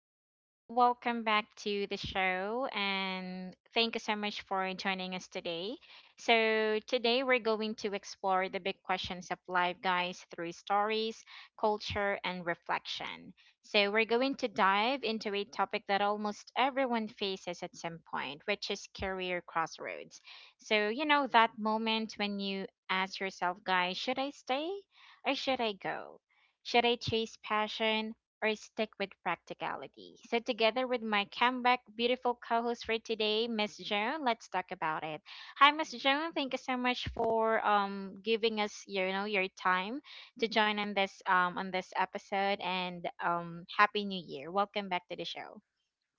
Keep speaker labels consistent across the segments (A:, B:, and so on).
A: everyone. Welcome back to the show, and thank you so much for joining us today. Today we're going to explore the big questions of life, guys, through stories, culture, and reflection. So, we're going to dive into a topic that almost everyone faces at some point, which is career crossroads. That moment when you ask yourself, guys, should I stay or should I go? Should I chase passion? Or stick with practicality. So, together with my comeback beautiful co host for today, Miss Joan, let's talk about it. Hi, Miss Joan. Thank you so much for giving us your time to join on this episode and happy new year. Welcome back to the show.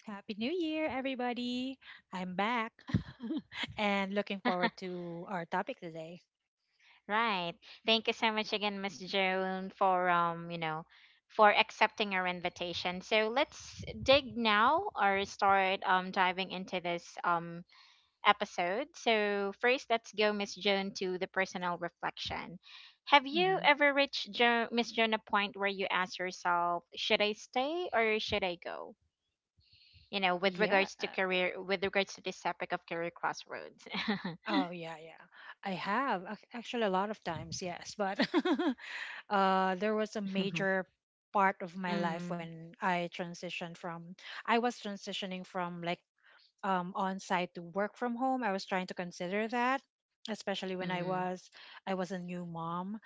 B: Happy New Year, everybody. I'm back and looking forward to our topic today.
A: Right. Thank you so much again, Miss Joan, for for accepting our invitation. So let's dig now or start diving into this episode. So, first, let's go, Miss Joan, to the personal reflection. Have you
B: hmm
A: ever reached, Miss Joan, a point where you ask yourself, should I stay or should I go? You know, with
B: Yeah.
A: regards to career, with regards to this topic of career crossroads.
B: Oh, yeah, yeah. I have actually a lot of times, yes. But there was a
A: mm,
B: major part of my life
A: mm,
B: when I was transitioning from like on site to work from home. I was trying to consider that, especially when I was a new mom,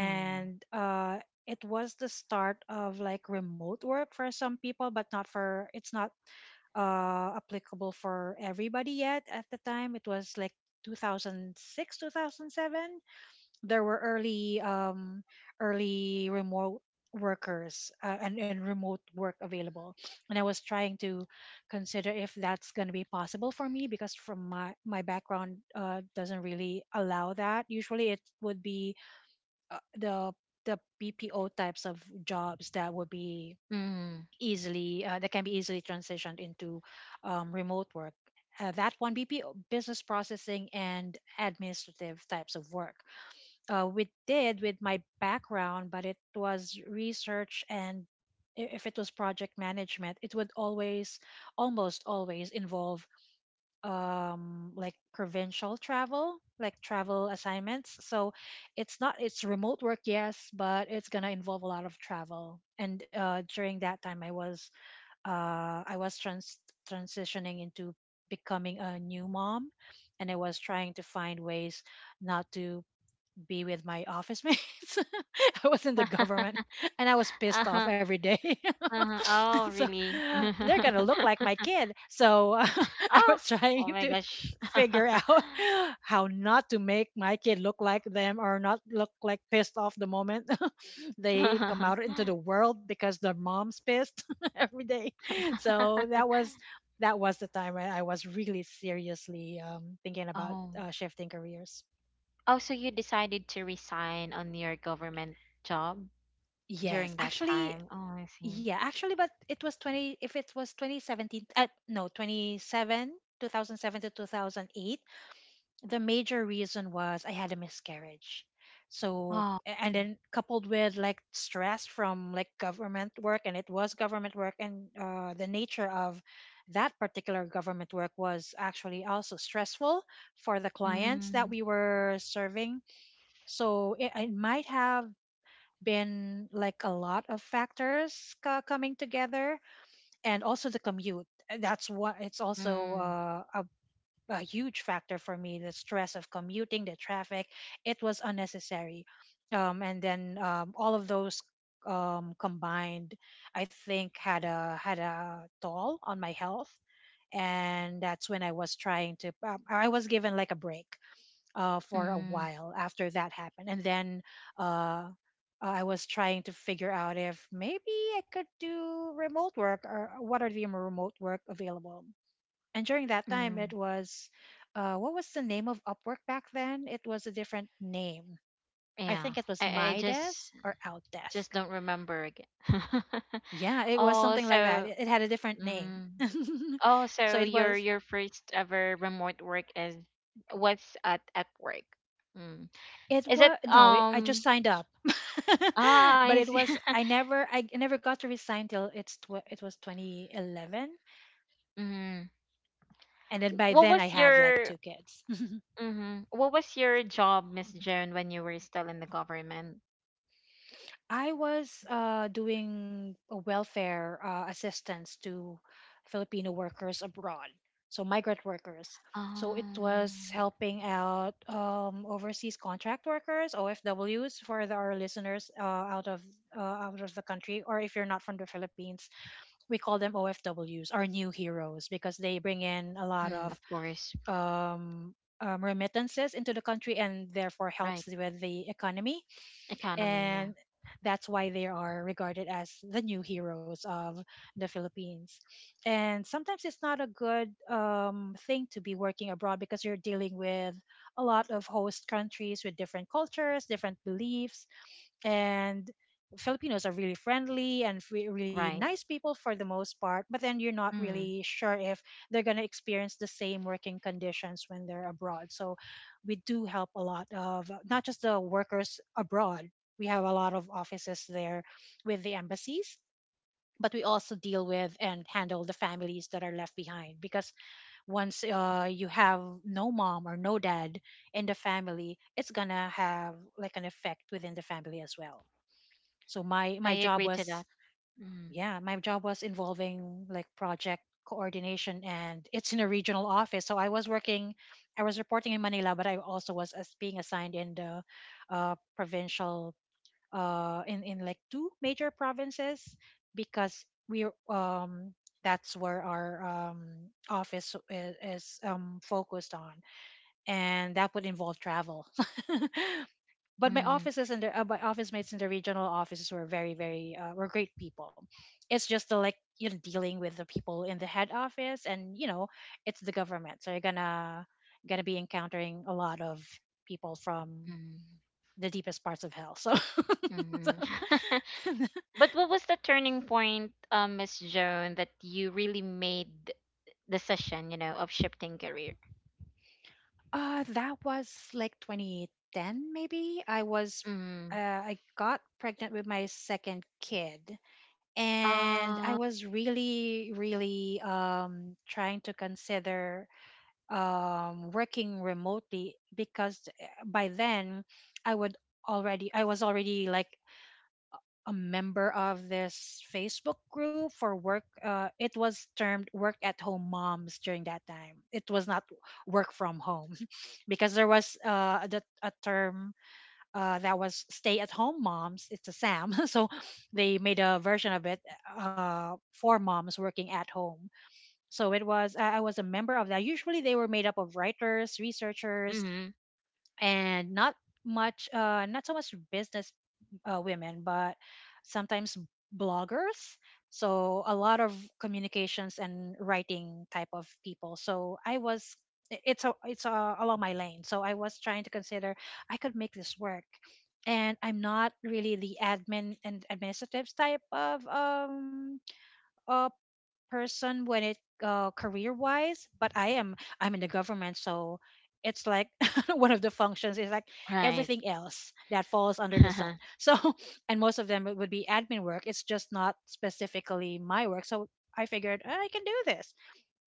A: mm,
B: uh it was the start of like remote work for some people, but not for it's not applicable for everybody yet. At the time it was like 2006, 2007. There were early early remote workers, and remote work available, and I was trying to consider if that's going to be possible for me, because from my background, doesn't really allow that. Usually it would be uh, the the BPO types of jobs that would be
A: mm.
B: easily that can be easily transitioned into remote work. That one BPO, business processing and administrative types of work. We did with my background, but it was research. And if it was project management, it would always, almost always involve like provincial travel, like travel assignments. So it's not, it's remote work, yes, but it's going to involve a lot of travel. And uh, during that time I was, uh, transitioning into becoming a new mom, and I was trying to find ways not to be with my office mates. I was in the government and I was pissed off
A: uh-huh,
B: every day.
A: uh-huh. Oh,
B: So
A: really?
B: they're going to look like my kid. So I
A: oh,
B: was trying
A: oh my
B: to
A: gosh.
B: figure out how not to make my kid look like them or not look like pissed off the moment they come out into the world, because their mom's pissed every day. So that was the time when I was really seriously thinking about
A: oh,
B: shifting careers.
A: Oh, so you decided to resign on your government job
B: Yes,
A: during that
B: actually.
A: time? Oh, I see.
B: Yeah, actually, but it was 20, if it was 2017, no, 27, 2007 to 2008, the major reason was I had a miscarriage. So,
A: Oh,
B: and then coupled with like stress from like government work, and it was government work, and the nature of that particular government work was actually also stressful for the clients that
A: mm,
B: we were serving. So, it might have been like a lot of factors, coming together, and also the commute. And that's what, it's also
A: mm,
B: a huge factor for me. The stress of commuting, the traffic, it was unnecessary. And then all of those combined, I think had a toll on my health. And that's when I was trying to. I was given like a break for a
A: mm,
B: while after that happened. And then uh, I was trying to figure out if maybe I could do remote work, or what are the remote work available. And during that time, it
A: mm.
B: was what was the name of Upwork back then? It was a different name. I
A: Yeah,
B: think it was
A: I, I
B: My
A: just
B: Desk or Outdesk.
A: just don't remember again.
B: Yeah, it was
A: Oh,
B: something like that. It had a different name.
A: mm, oh,
B: So
A: so
B: it was,
A: your first ever remote work is what's at work? Mm.
B: it
A: Is it
B: was, no, it, I just
A: um?
B: signed up,
A: Ah, I
B: but it
A: see.
B: was, I never I never got to resign till it was 2011,
A: Mm.
B: and then by
A: What
B: then I
A: was
B: had like
A: your
B: two kids. Mm.
A: Mm-hmm. What was your job, Miss Joan, when you were still in the government?
B: I was doing a welfare assistance to Filipino workers abroad, so migrant workers. So it was
A: Um,
B: helping out overseas contract workers (OFWs) for our listeners uh, out of the country. Or if you're not from the Philippines, we call them OFWs, our new heroes, because they bring in a lot
A: of
B: of
A: course,
B: um, remittances into the country, and therefore
A: right.
B: helps with the economy.
A: Economy, yeah,
B: And that's why they are regarded as the new heroes of the Philippines. And sometimes it's not a good thing to be working abroad, because you're dealing with a lot of host countries with different cultures, different beliefs, and Filipinos are really friendly and really nice
A: right.
B: people for the most part, but then you're not
A: Mm,
B: really sure if they're going to experience the same working conditions when they're abroad. So we do help a lot of not just the workers abroad, we have a lot of offices there with the embassies. But we also deal with and handle the families that are left behind, because once you have no mom or no dad in the family, it's gonna have like an effect within the family as well. So my
A: I
B: my job
A: agree to
B: was
A: that. Mm,
B: yeah, my job was involving like project coordination, and it's in a regional office. So I was reporting in Manila, but I also was as being assigned in the provincial uh, in like two major provinces, because we that's where our office is focused on, and that would involve travel. But my
A: mm,
B: offices and the, my office mates in the regional offices were very very were great people. It's just the, like, you know, dealing with the people in the head office. And you know, it's the government, so you're gonna be encountering a lot of people from
A: mm,
B: the deepest parts of hell, so so
A: mm. But what was the turning point, Miss Joan, that you really made the decision, you know, of shifting career?
B: uh, that was like 2010, maybe. I was,
A: Mm.
B: I got pregnant with my second kid, and I
A: Uh,
B: was really, really trying to consider working remotely, because by then I would already, I was already like a member of this Facebook group for work. It was termed work at home moms during that time. It was not work from home because there was a term that was stay at home moms. It's a SAM. So they made a version of it for moms working at home. So it was, I was a member of that. Usually they were made up of writers, researchers,
A: mm,
B: and not much not so much business women, but sometimes bloggers, so a lot of communications and writing type of people. So I was, it's along my lane, so I was trying to consider I could make this work. And I'm not really the administrative type of uh, person when it career wise. But I am, I'm in the government, so it's like one of the functions is like
A: right.
B: everything else that falls under the sun.
A: mm,
B: So and most of them it would be admin work. It's just not specifically my work. So I figured, "Ah, I can do this."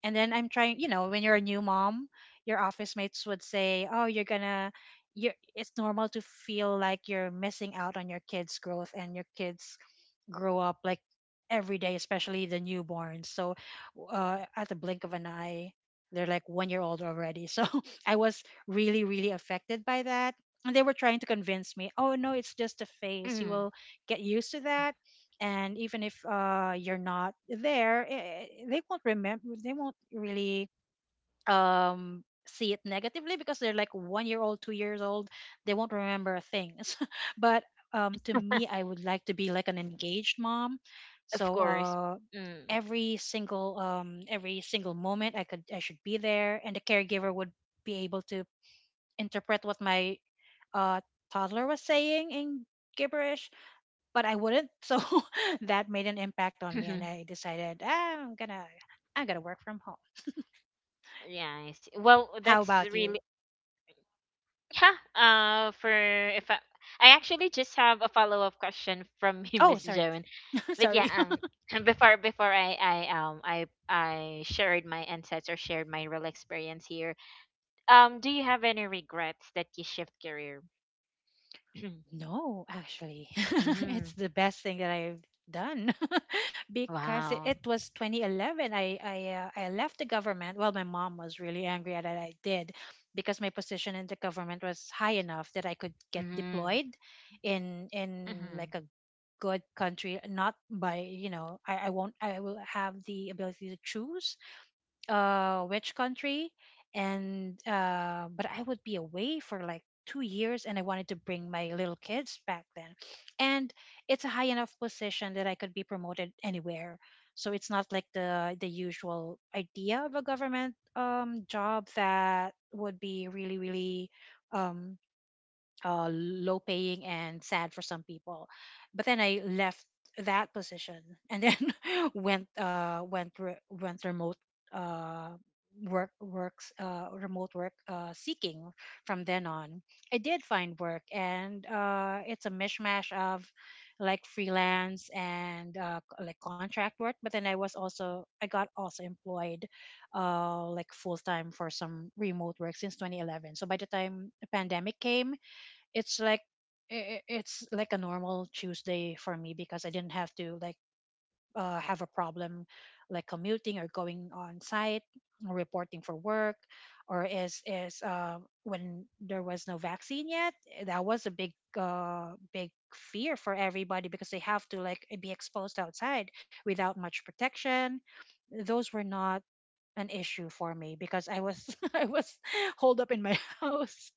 B: And then I'm trying, you know, when you're a new mom, your office mates would say, "Oh, you're gonna you it's normal to feel like you're missing out on your kids' growth and your kids' grow up like every day, especially the newborns." So at the blink of an eye, they're like 1 year old already. So I was really, really affected by that. And they were trying to convince me, oh no, it's just a phase. You will get used to that. And even if you're not there, they won't remember. They won't really see it negatively, because they're like 1 year old, 2 years old, they won't remember things. But to me, I would like to be like an engaged mom.
A: of
B: So
A: course.
B: uh,
A: Mm.
B: every single every single moment I could, I should be there, and the caregiver would be able to interpret what my uh, toddler was saying in gibberish, but I wouldn't. So that made an impact on me, and I decided, ah, I'm gonna work from home.
A: Yeah, I see. Well,
B: How
A: that's
B: about you?
A: really yeah. For if I, I actually just have a follow up question from you,
B: Oh,
A: Miss
B: sorry.
A: Joan. But yeah,
B: Sorry.
A: before I shared my insights or shared my real experience here. Do you have any regrets that you shift career?
B: No, actually, it's
A: mm,
B: the best thing that I've done, because it,
A: wow.
B: it was 2011. I left the government. Well, my mom was really angry at that I did, because my position in the government was high enough that I could get
A: Mm,
B: deployed in
A: mm-hmm.
B: like a good country. Not by, you know, I won't, I will have the ability to choose uh, which country. And uh, but I would be away for like 2 years, and I wanted to bring my little kids back then. And it's a high enough position that I could be promoted anywhere, so it's not like the usual idea of a government job that would be really, really um low paying and sad for some people. But then I left that position, and then went went remote uh, work works remote work seeking from then on. I did find work, and it's a mishmash of like freelance and like contract work. But then I was also I got also employed like full time for some remote work since 2011. So by the time the pandemic came, it's like it's like a normal Tuesday for me because I didn't have to like have a problem like commuting or going on site or reporting for work or is when there was no vaccine yet, that was a big big fear for everybody because they have to like be exposed outside without much protection. Those were not an issue for me because I was I was holed up in my house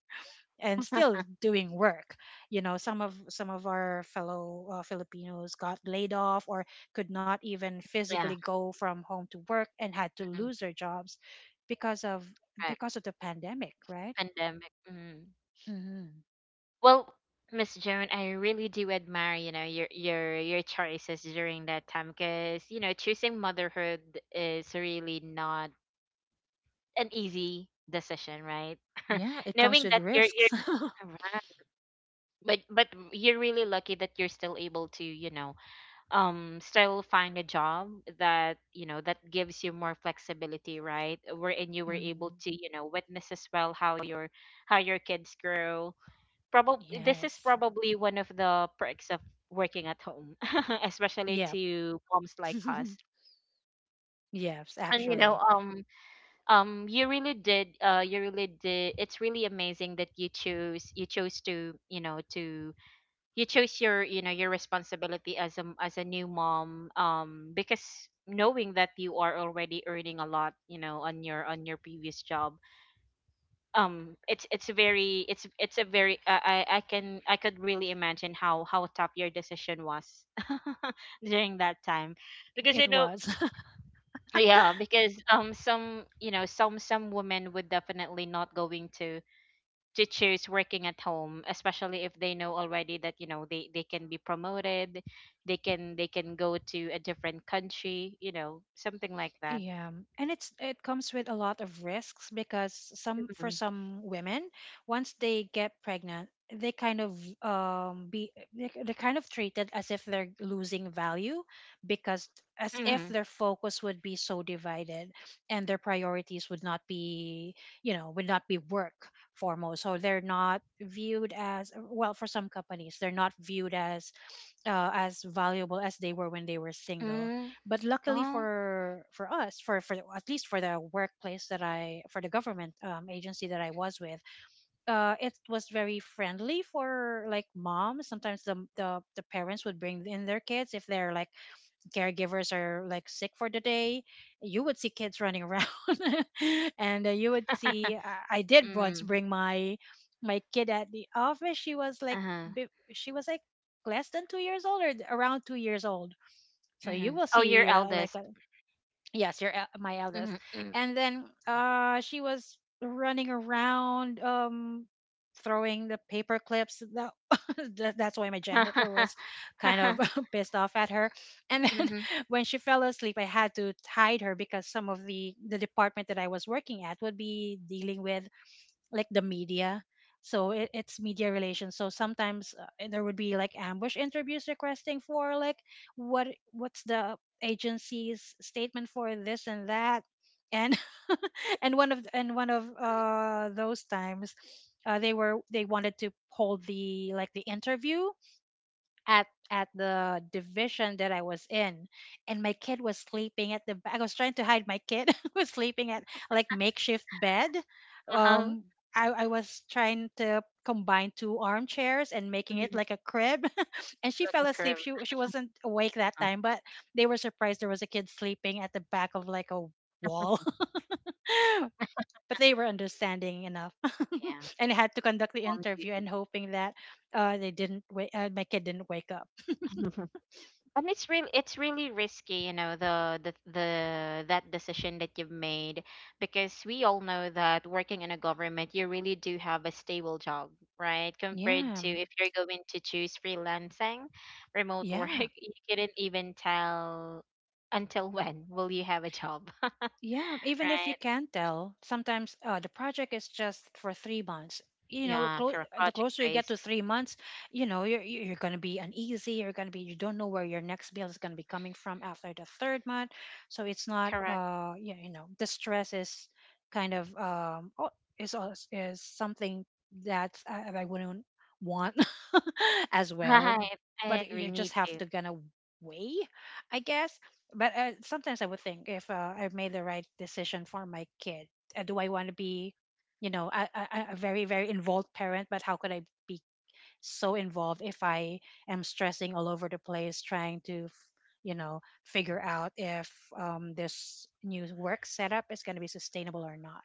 B: and still doing work. You know, some of our fellow filipinos got laid off or could not even physically
A: Yeah.
B: go from home to work and had to
A: mm,
B: lose their jobs because of
A: right.
B: because of the pandemic, right?
A: Pandemic. Mm.
B: Hmm.
A: Well, Miss Joan, I really do admire, you know, your choices during that time because, you know, choosing motherhood is really not an easy decision, right?
B: Yeah, it comes
A: Knowing
B: with
A: that you're
B: risks.
A: right. But you're really lucky that you're still able to, you know, still find a job that, you know, that gives you more flexibility, right? Wherein you were able
B: Hmm.
A: to, you know, witness as well how your kids grow probably this is
B: Yes.
A: probably one of the perks of working at home, especially
B: Yep.
A: to moms like us.
B: Yes,
A: And you know,
B: actually.
A: you really did, you really did. It's really amazing that you chose to, you know, to you chose your, you know, your responsibility as a new mom. Because knowing that you are already earning a lot, you know, on your previous job, it's a very I can I could really imagine how tough your decision was during that time because
B: It
A: you know
B: was.
A: yeah because some you know some women would definitely not going to choose working at home especially if they know already that you know they can be promoted they can go to a different country you know something like that
B: Yeah, and it comes with a lot of risks because some for
A: mm-hmm.
B: some women, once they get pregnant, they kind of be they're kind of treated as if they're losing value because as if
A: mm
B: their focus would be so divided and their priorities would not be, you know, would not be work foremost. So they're not viewed as well. For some companies, they're not viewed as valuable as they were when they were single.
A: mm
B: But luckily
A: Oh.
B: for us, for at least for the government agency that I was with, it was very friendly for like moms. Sometimes the parents would bring in their kids if they're like caregivers are like sick for the day. You would see kids running around, and you would see I did once
A: mm
B: bring my my kid at the office. She was like
A: uh-huh.
B: she was like less than 2 years old or around 2 years old. So
A: Mm-hmm.
B: you will
A: Oh, your
B: see like a —
A: eldest.
B: yes, my eldest.
A: Mm-hmm.
B: And then she was running around, throwing the paper clips that, that's why my janitor was kind of pissed off at her. And then
A: mm-hmm.
B: when she fell asleep, I had to hide her because some of the department that I was working at would be dealing with like the media. So it's media relations. So sometimes and there would be like ambush interviews requesting for like what's the agency's statement for this and that, and and one of those times, they were they wanted to hold the interview at at the division that I was in, and my kid was sleeping at the back. I was trying to hide my kid who was sleeping at like makeshift bed.
A: Uh-huh.
B: Um, I was trying to combine two armchairs and making it
A: Mhm.
B: like a crib. And she
A: Like a
B: fell asleep.
A: crib.
B: She wasn't awake that
A: Huh?
B: time, but they were surprised there was a kid sleeping at the back of like a wall. But they were understanding enough
A: yeah,
B: and had to conduct the
A: mom
B: interview
A: duty.
B: and hoping that they didn't wait, my kid didn't wake up.
A: But it's really risky, you know, the that decision that you've made because we all know that working in a government, you really do have a stable job, right? Compared
B: Yeah.
A: to if you're going to choose freelancing, remote work,
B: Yeah.
A: you couldn't even tell until when will you have a job,
B: Yeah, even if you
A: right?
B: can't tell, sometimes the project is just for 3 months. You know,
A: Yeah, correct.
B: the
A: Project
B: closer you get to
A: based.
B: 3 months, you know, you're gonna be uneasy. You're gonna be — you don't know where your next meal is gonna be coming from after the third month. So it's not,
A: Correct.
B: yeah, you know, the stress is kind of, oh, is something that I wouldn't want as well.
A: Right. I
B: But
A: agree.
B: you
A: Me
B: just have
A: too.
B: to gonna weigh, I guess, but sometimes I would think if I made the right decision for my kid. Do I want to be, you know, a very very involved parent? But how could I be so involved if I am stressing all over the place trying to, you know, figure out if this new work setup is going to be sustainable or not?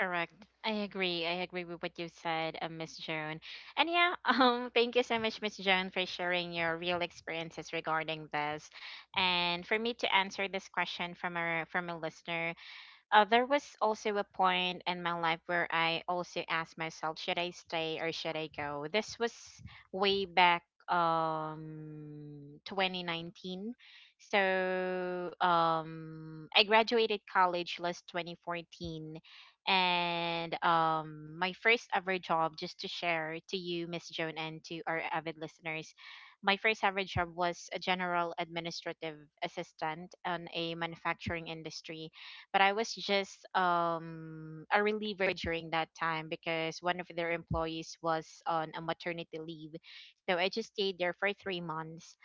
A: Correct. I agree. I agree with what you said, Miss Joan. And yeah, thank you so much, Miss Joan, for sharing your real experiences regarding this. And for me to answer this question from a listener, there was also a point in my life where I also asked myself, should I stay or should I go? This was way back 2019. I graduated college last 2014, and my first ever job, just to share to you Miss Joan and to our avid listeners, my first ever job was a general administrative assistant on a manufacturing industry, but I was just a reliever during that time because one of their employees was on a maternity leave. So I just stayed there for 3 months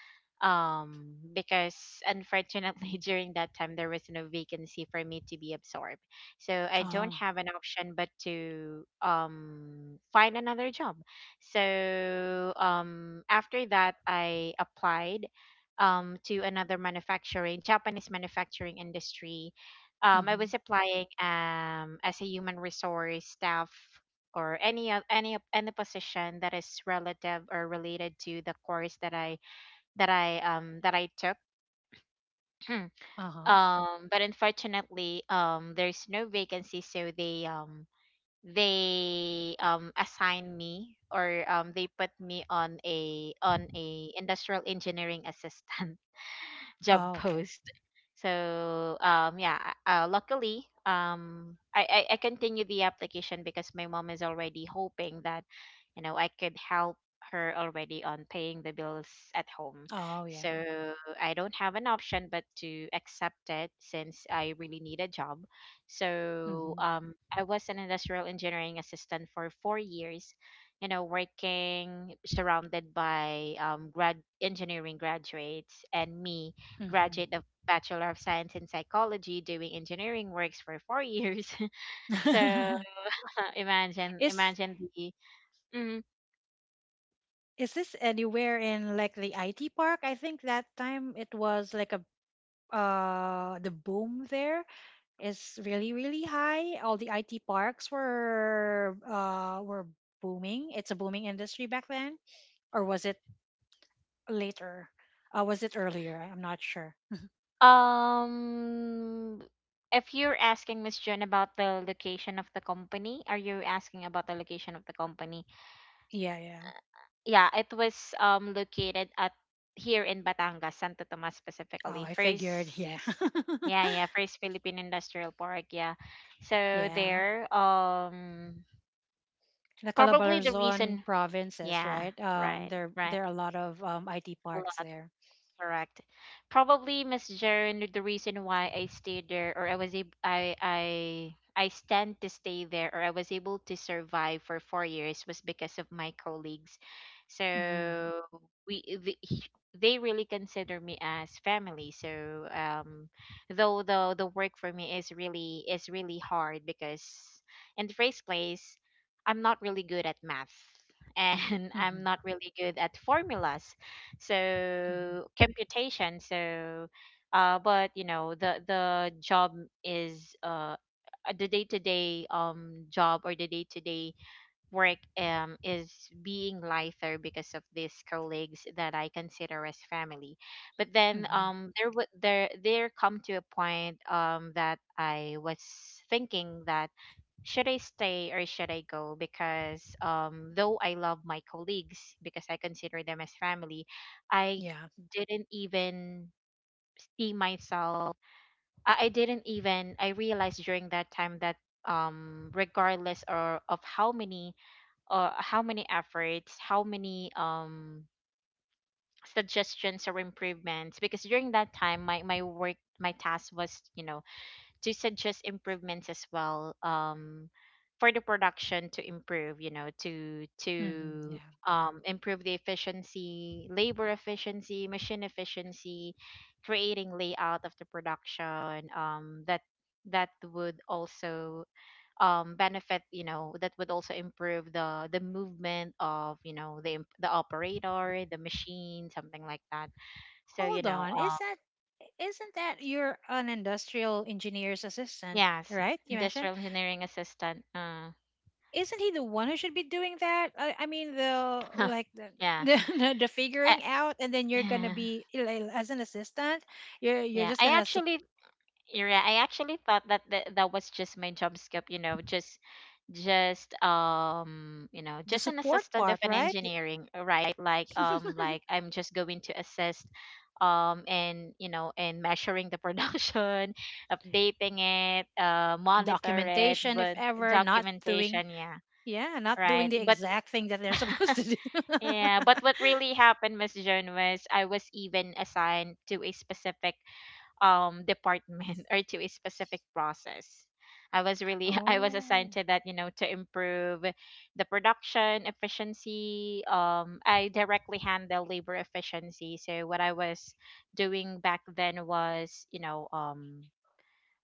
A: because unfortunately during that time there was no vacancy for me to be absorbed. So I don't
B: Oh.
A: have an option but to find another job. So after that I applied to another manufacturing Japanese manufacturing industry. I
B: Mm-hmm.
A: was applying as a human resource staff or any any position that is relative or related to the course that I that I that I took.
B: uh huh.
A: But unfortunately, there's no vacancy, so they assign me or they put me on a industrial engineering assistant job
B: Oh, okay.
A: post. So yeah, luckily I continue the application because my mom is already hoping that you know I could help her already on paying the bills at home.
B: Oh, yeah.
A: So I don't have an option but to accept it since I really need a job. So
B: Mm-hmm.
A: I was an industrial engineering assistant for 4 years, you know, working surrounded by grad engineering graduates and me graduate of Bachelor of Science in Psychology, doing engineering works for 4 years. so
B: Mm-hmm.
A: imagine,
B: is —
A: imagine the. Mhm.
B: is this anywhere in like the IT park? I think that time it was like a the boom there is really really high. All the IT parks were booming. It's a booming industry back then, or was it later? Was it earlier? I'm not sure.
A: Um, if you're asking Miss June about the location of the company, are you asking about the location of the company?
B: Yeah, yeah.
A: Yeah, it was located at here in Batangas, Santo Tomas
B: Oh,
A: specifically.
B: I figured. Yeah,
A: First, yeah, yeah, first Philippine Industrial Park. Yeah, so
B: yeah.
A: there,
B: The
A: probably the
B: Calabarzon
A: reason
B: provinces,
A: yeah,
B: right?
A: right,
B: There
A: right.
B: there are a lot of IT
A: A
B: parks
A: lot
B: there.
A: correct. Probably Miss Jaren, the reason why I stayed there or I was able I stand to stay there or I was able to survive for 4 years was because of my colleagues. So
B: Mm.
A: we the, he- they really consider me as family. So um though the work for me is really hard because in the first place I'm not really good at math and I'm not
B: Mm-hmm.
A: really good at formulas
B: Mm-hmm.
A: so computation so but you know the job is the day-to-day job or the day-to-day work is being lighter because of these colleagues that I consider as family but then
B: Mm-hmm.
A: there would there there come to a point that I was thinking that should I stay or should I go? Because though I love my colleagues because I consider them as family, I
B: Yeah.
A: didn't even see myself. I didn't even I realized during that time that regardless or of how many efforts how many suggestions or improvements because during that time my work my task was you know to suggest improvements as well for the production to improve you know
B: Hmm.
A: to
B: Yeah.
A: improve the efficiency labor efficiency machine efficiency creating layout of the production that that would also benefit you know that would also improve the movement of you know the operator the machine something like that so you
B: Hold
A: know
B: on. Is that isn't that you're an industrial engineer's assistant,
A: yes
B: right? You mentioned.
A: industrial engineering assistant
B: Isn't he the one who should be doing that? I mean, the
A: Huh.
B: like the,
A: yeah.
B: the figuring out, and then you're gonna
A: I,
B: be like, as an assistant. You're
A: yeah.
B: just
A: I
B: gonna sup —
A: actually yeah, I actually thought that that was just my job scope, you know, just you know,
B: the
A: just an
B: support
A: assistant of
B: part,
A: an
B: right?
A: engineering, right? Like I'm just going to assist and you know and measuring the production updating it monitor it
B: Documentation, if
A: but
B: ever, not doing.
A: documentation yeah
B: Yeah, not doing
A: right
B: the
A: but
B: exact thing that they're supposed to do.
A: Yeah, but what really happened, Miss Joan, was I was even assigned to a specific department or to a specific process. I was really I was assigned
B: Oh.
A: to that, you know, to improve the production efficiency. I directly handle labor efficiency. So what I was doing back then was, you know, um,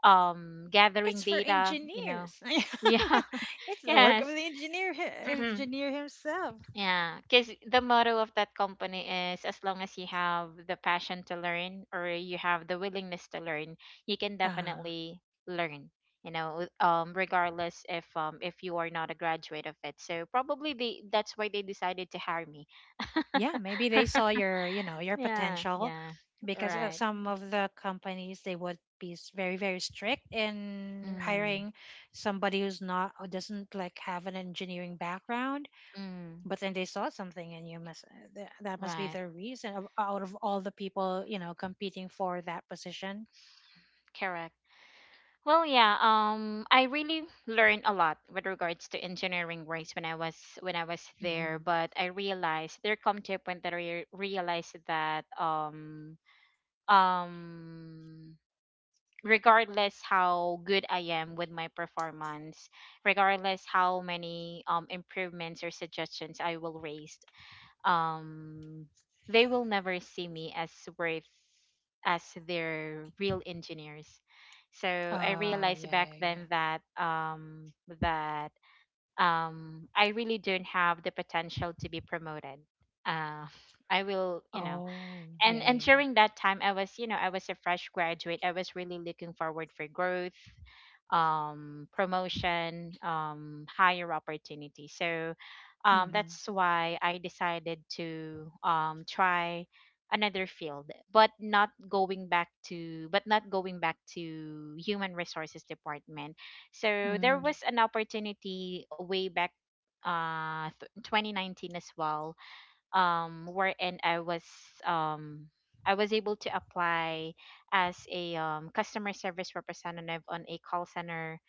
A: um,
B: It's
A: gathering
B: for
A: data. You know,
B: engineers.
A: yeah,
B: It's the work of
A: yes.
B: the engineer himself.
A: Yeah, because the motto of that company is as long as you have the passion to learn or you have the willingness to learn, you can
B: Uh,
A: definitely learn. You know, regardless if you are not a graduate of it. So probably they that's why they decided to hire me.
B: yeah, maybe they saw your, you know, your
A: Yeah,
B: potential
A: yeah,
B: because
A: right.
B: some of the companies they would be very very strict in
A: Mm,
B: hiring somebody who doesn't like have an engineering background,
A: mm,
B: but then they saw something and you must that must be
A: right.
B: the reason of, out of all the people, you know, competing for that position.
A: Correct. Well, yeah. I really learned a lot with regards to engineering works when I was there.
B: Hmm.
A: But I realized there come to a point that I realized that um regardless how good I am with my performance, regardless how many improvements or suggestions I will raise, um they will never see me as worth as their real engineers. So I
B: Oh,
A: realized
B: yeah,
A: back
B: yeah, yeah.
A: then that I really don't have the potential to be promoted. uh I will,
B: Oh, yeah,
A: and
B: yeah.
A: during that time I was, I was a fresh graduate, I was really looking forward for growth, promotion, higher opportunity. So
B: Yeah. Mhm.
A: that's why I decided to try another field, but not going back to but not going back to human resources department. So there
B: Mm.
A: was an opportunity way back 2019 as well, wherein um I was able to apply as a customer service representative on a call center,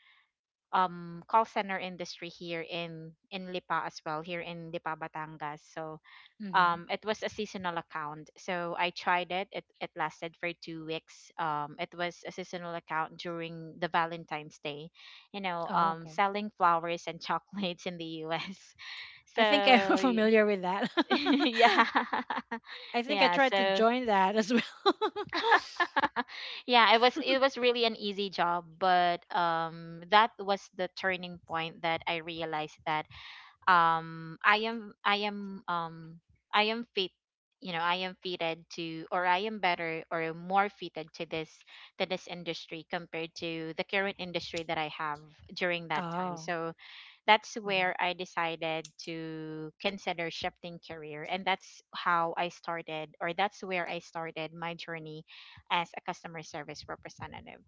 A: call center industry here in Lipa, as well here in Lipa Batangas. So
B: Mhm.
A: it was a seasonal account. So I tried it. It lasted for 2 weeks. It was a seasonal account during the Valentine's Day. You know,
B: Oh, okay.
A: selling flowers and chocolates in the US. So
B: I think I'm familiar with that.
A: yeah,
B: I think I
A: yeah.
B: tried to
A: So
B: join that as well.
A: yeah, it was, it was really an easy job, but that was the turning point that I realized that um i am i am um I am fit. You know, I am fitted to, or I am better or more fitted to this, to this industry compared to the current industry that I have during that time.
B: Oh.
A: So that's
B: Mhm.
A: where I decided to consider shifting career, and that's how I started, or that's where I started my journey as a customer service representative.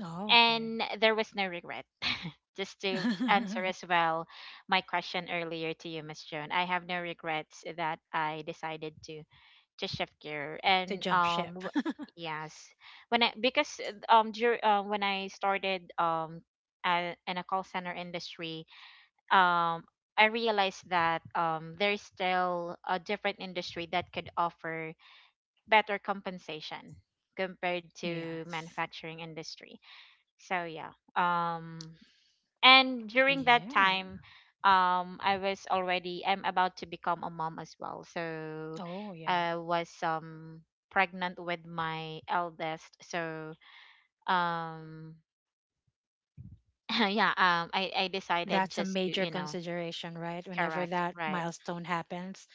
B: Oh, okay.
A: And there was no regret. Just to answer as well my question earlier to you, Miss Joan, I have no regrets that I decided to shift gear.
B: To
A: And
B: jump ship.
A: yes, when I, when I started a in a call center industry, um I realized that there's still a different industry that could offer better compensation compared to
B: Yes.
A: manufacturing industry. So yeah, um and during that
B: Yeah.
A: time, I was already I'm about to become a mom as well. So
B: Oh, yeah.
A: I was pregnant with my eldest. So um yeah, I decided
B: That's a
A: just to,
B: major
A: you know,
B: consideration, right? Whenever
A: correct,
B: that
A: right.
B: milestone happens,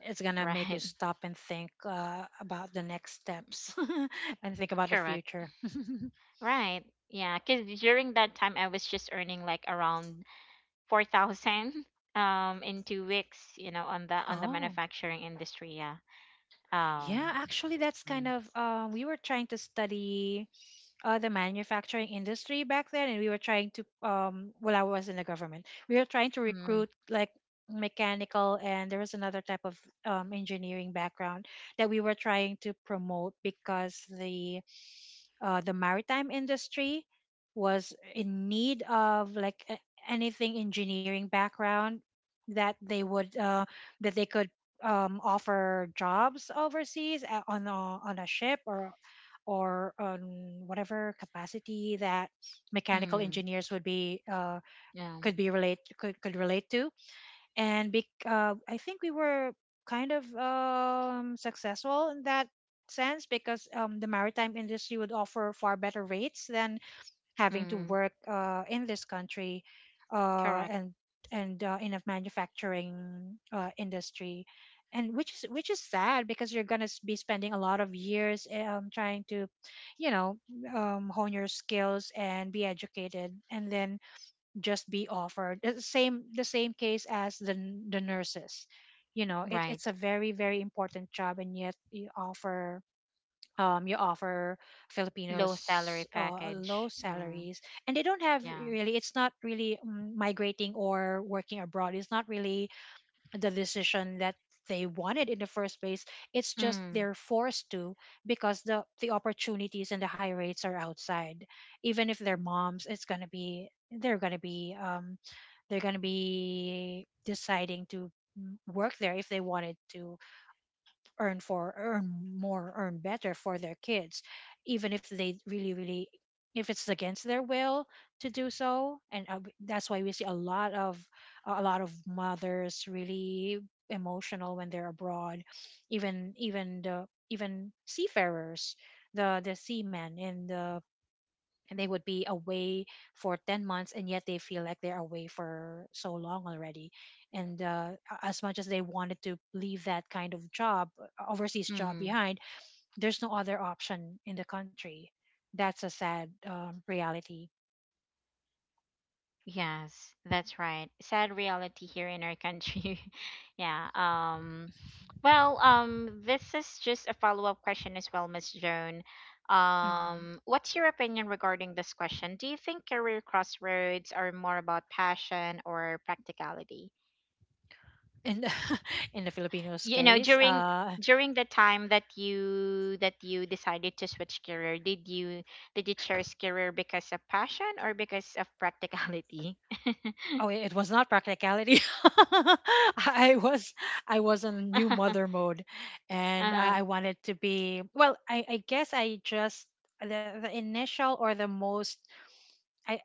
B: it's going to make you
A: Right.
B: stop and think about the next steps and think about the
A: Correct.
B: future.
A: Right. Yeah, because during that time I was just earning like around 4,000 in 2 weeks, you know, on the
B: Oh.
A: manufacturing industry. Yeah. Um,
B: Yeah, actually, that's kind
A: mm,
B: of we were trying to study the manufacturing industry back then, and we were trying to well, I was in the government. We were trying to
A: mm,
B: recruit like mechanical, and there was another type of engineering background that we were trying to promote because the maritime industry was in need of like anything engineering background that they would that they could offer jobs overseas on a ship or on whatever capacity that mechanical
A: mm,
B: engineers would be
A: yeah.
B: could be relate could relate to. And bec I think we were kind of successful in that sense because the maritime industry would offer far better rates than having to
A: Mm,
B: work in this country,
A: correct.
B: and in a manufacturing industry, and which is sad because you're gonna be spending a lot of years trying to, you know, hone your skills and be educated and then just be offered the same case as the nurses. You know, it's
A: Right.
B: a very very important job, and yet you offer
A: Low salary
B: Filipinos low
A: package. Mm,
B: salaries, and they don't have
A: yeah.
B: really. It's not really migrating or working abroad. It's not really the decision that they wanted in the first place. It's just
A: Mm,
B: they're forced to because the opportunities and the high rates are outside. Even if they're moms, it's gonna be they're gonna be they're gonna be deciding to work there if they wanted to earn for earn more earn better for their kids, even if they really really — if it's against their will to do so. And that's why we see a lot of mothers really emotional when they're abroad even even the even seafarers the seamen in the and they would be away for 10 months and yet they feel like they're away for so long already and as much as they wanted to leave that kind of job, overseas job
A: mm-hmm.
B: behind, there's no other option in the country. That's a sad reality.
A: Yes, that's right. Sad reality here in our country. Yeah. Well, this is just a follow-up question as well, Miss Joan.
B: Mhm.
A: What's your opinion regarding this question? Do you think career crossroads are more about passion or practicality?
B: And in the filipinos
A: You know,
B: case,
A: during during the time that you decided to switch career, did you, did you choose career because of passion or because of practicality?
B: oh, it was not practicality. I was — I was on new mother mode, and
A: Uh-huh.
B: I wanted to be, well, I guess I just — the initial or the most — I —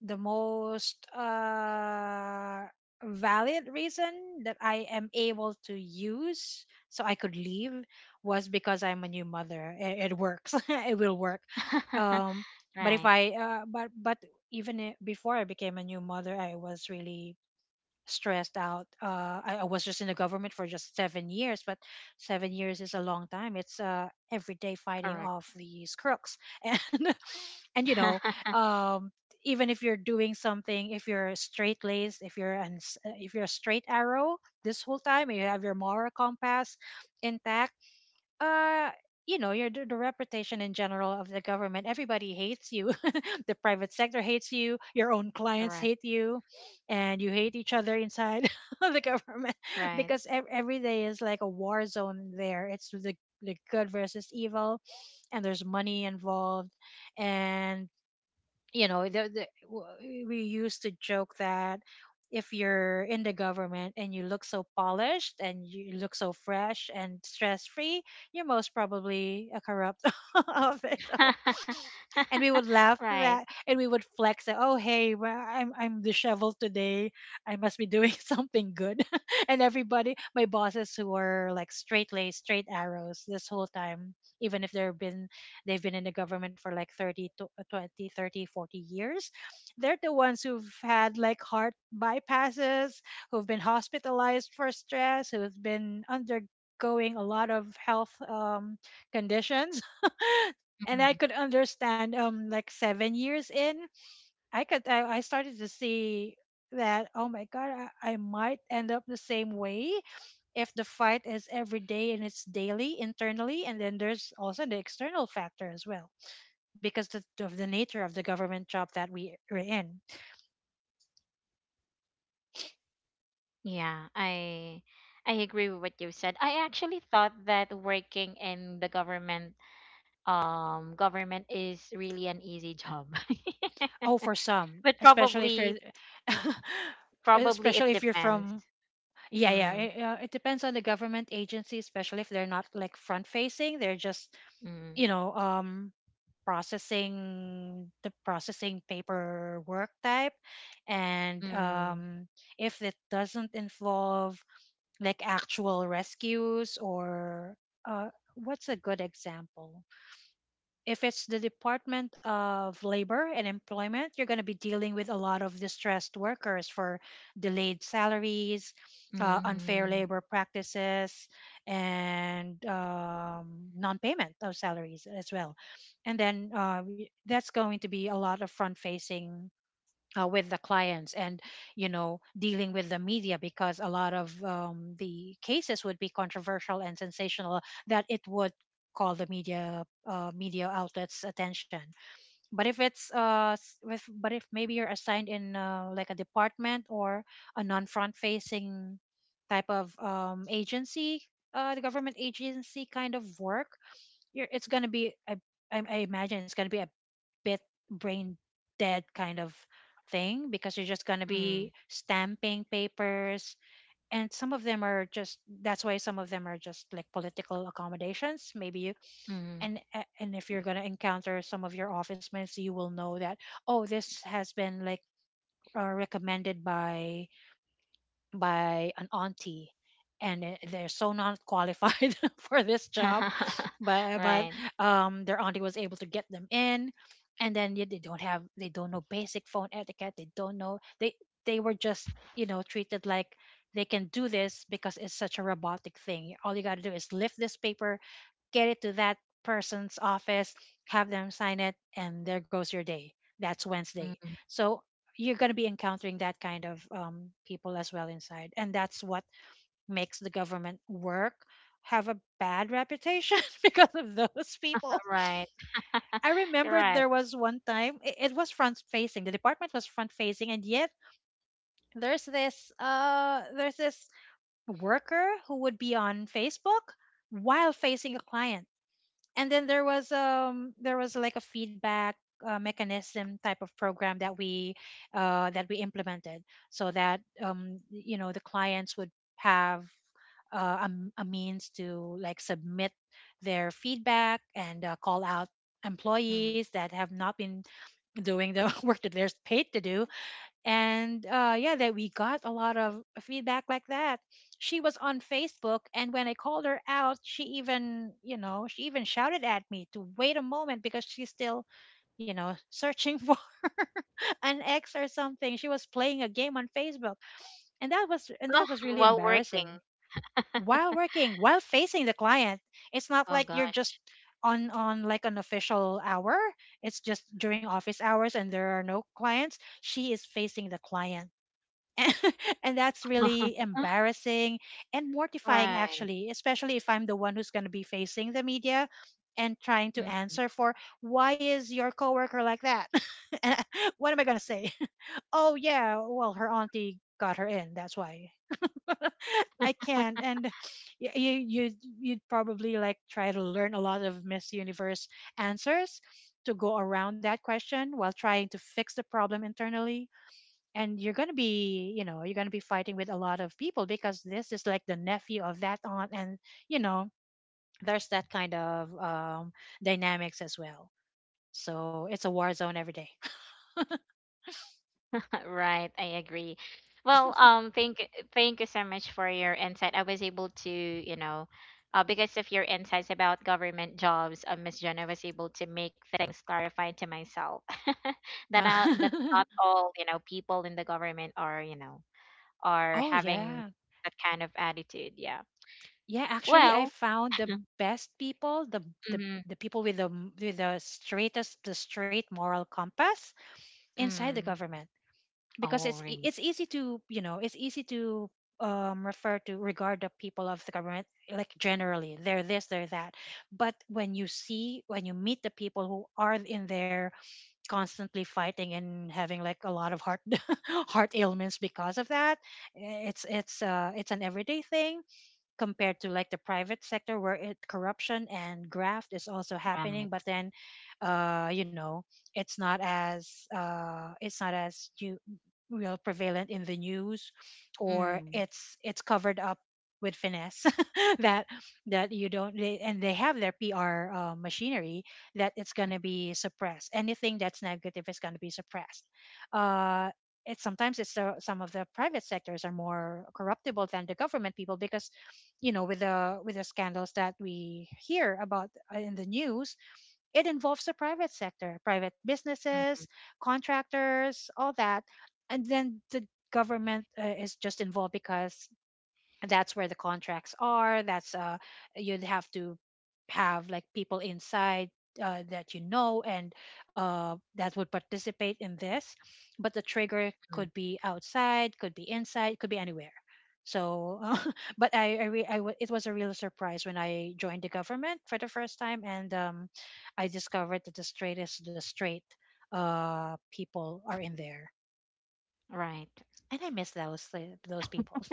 B: the most valid reason that I am able to use so I could leave was because I'm a new mother. It works. It will work. Um, but if
A: Right.
B: I but even before I became a new mother, I was really stressed out. I was just in the government for just 7 years, but 7 years is a long time. It's every day fighting
A: Correct.
B: off these crooks, and and um, even if you're doing something, if you're straight laced, if you're a straight arrow this whole time, and you have your moral compass intact. uh you know, your the reputation in general of the government, everybody hates you. The private sector hates you, your own clients
A: Correct.
B: hate you, and you hate each other inside the government,
A: Right.
B: because every day is like a war zone there. It's the good versus evil, and there's money involved. And you know, we used to joke that if you're in the government and you look so polished and you look so fresh and stress free, you're most probably a corrupt official. And we would laugh at
A: Right.
B: that, and we would flex that, oh hey, well, I'm disheveled today. I must be doing something good. And everybody, my bosses who were like straight laced straight arrows this whole time, even if they've been, they've been in the government for like 30 to 20, 30, 40 years, they're the ones who've had like heart bypasses, who've been hospitalized for stress, who've been undergoing a lot of health conditions. And I
A: Mhm.
B: could understand, like 7 years in, I could, I started to see that, oh my god, I might end up the same way if the fight is every day and it's daily internally, and then there's also the external factor as well because of the nature of the government job that we are in.
A: Yeah, I agree with what you said. I actually thought that working in the government, government is really an easy job.
B: Oh, for some,
A: But
B: especially if you're
A: probably, probably it
B: especially if you're
A: depends.
B: from, yeah, yeah,
A: Mm,
B: it, it depends on the government agency, especially if they're not like front facing. They're just,
A: mm,
B: you know, processing, the processing paperwork type, and
A: mm,
B: if it doesn't involve like actual rescues or uh what's a good example. If it's the Department of Labor and Employment, you're going to be dealing with a lot of distressed workers for delayed salaries, unfair
A: mm,
B: labor practices, and non payment of salaries as well. And then that's going to be a lot of front facing, with the clients, and you know, dealing with the media because a lot of, the cases would be controversial and sensational, that it would call the media media outlets attention. But if it's but if maybe you're assigned in, like a department or a non-front facing type of agency, the government agency kind of work, it's going to be a, I imagine it's going to be a bit brain dead kind of thing, because you're just going to be
A: mm,
B: stamping papers. And some of them are just, that's why some of them are just like political accommodations. Maybe you,
A: mm.
B: and if you're going to encounter some of your office mates, you will know that, oh, this has been like recommended by an auntie, and they're so not qualified for this job. But
A: Right.
B: their auntie was able to get them in, and then yet they don't have, they don't know basic phone etiquette, they don't know, they were just, you know, treated like they can do this because it's such a robotic thing. All you got to do is lift this paper, get it to that person's office, have them sign it, and there goes your day. That's Wednesday.
A: Mm,
B: So you're going to be encountering that kind of, people as well inside. And that's what makes the government work have a bad reputation because of those people.
A: right.
B: I remember there
A: Correct.
B: was one time, it was front facing. The department was front facing, and yet there's this worker who would be on Facebook while facing a client. And then there was, there was like a feedback mechanism type of program that we, that we implemented so that, you know, the clients would have a means to like submit their feedback and call out
A: Mm.
B: employees that have not been doing the work that they're paid to do. And yeah, that we got a lot of feedback like that. She was on Facebook, and when I called her out, she even, you know, she even shouted at me to wait a moment because she's still, you know, searching for an ex or something. She was playing a game on Facebook, and
A: Oh,
B: that was really
A: while
B: embarrassing.
A: working.
B: While working, while facing the client, it's not
A: Oh
B: like you're just
A: gosh.
B: on like an official hour. It's just during office hours, and there are no clients. She is facing the client. And that's really embarrassing and mortifying,
A: Right.
B: actually, especially if I'm the one who's going to be facing the media and trying to
A: Mm.
B: answer for why is your coworker like that. And I-, what am I going to say? Oh yeah, well, her auntie got her in, that's why. I can't. And you you'd probably like try to learn a lot of Miss Universe answers to go around that question while trying to fix the problem internally. And you're going to be, you know, you're going to be fighting with a lot of people, because this is like the nephew of that aunt, and you know, there's that kind of, dynamics as well. So it's a war zone every day.
A: Right, I agree. Well, thank you so much for your insight. I was able to, you know, because of your insights about government jobs, Miss Jenna was able to make things clarified to myself. That
B: Uh,
A: that not all, you know, people in the government are, you know, are
B: oh
A: having
B: yeah,
A: that kind of attitude. Yeah.
B: yeah, actually I
A: Well.
B: found the best people, the
A: Mm-hmm,
B: the people with the with the straightest, the straight moral compass, inside the
A: mm.
B: government, because
A: Oh, really?
B: it's easy to, you know, it's easy to, refer to, regard the people of the government like generally, they're this, they're that. But when you see, when you meet the people who are in there constantly fighting and having like a lot of heart heart ailments because of that, it's an everyday thing compared to like the private sector, where it corruption and graft is also happening,
A: Right.
B: but then, you know, it's not as it's not as, you, real prevalent in the news, or
A: Mm,
B: it's covered up with finesse that, that you don't they, and they have their PR machinery, that it's going
A: mm,
B: to be suppressed, anything that's negative is going to be suppressed. uh it's sometimes some of the private sectors are more corruptible than the government people, because you know, with the scandals that we hear about, in the news, it involves the private sector, private
A: mm, mm,
B: businesses, contractors, all that. And then the government, is just involved because that's where the contracts are. That's you'd have to have like people inside, that you know, and that would participate in this. But the trigger
A: mm.
B: could be outside, could be inside, could be anywhere. So but I, re- I w- it was a real surprise when I joined the government for the first time, and I discovered that the straightest, the straight, people are in there.
A: Right.
B: And I miss those people.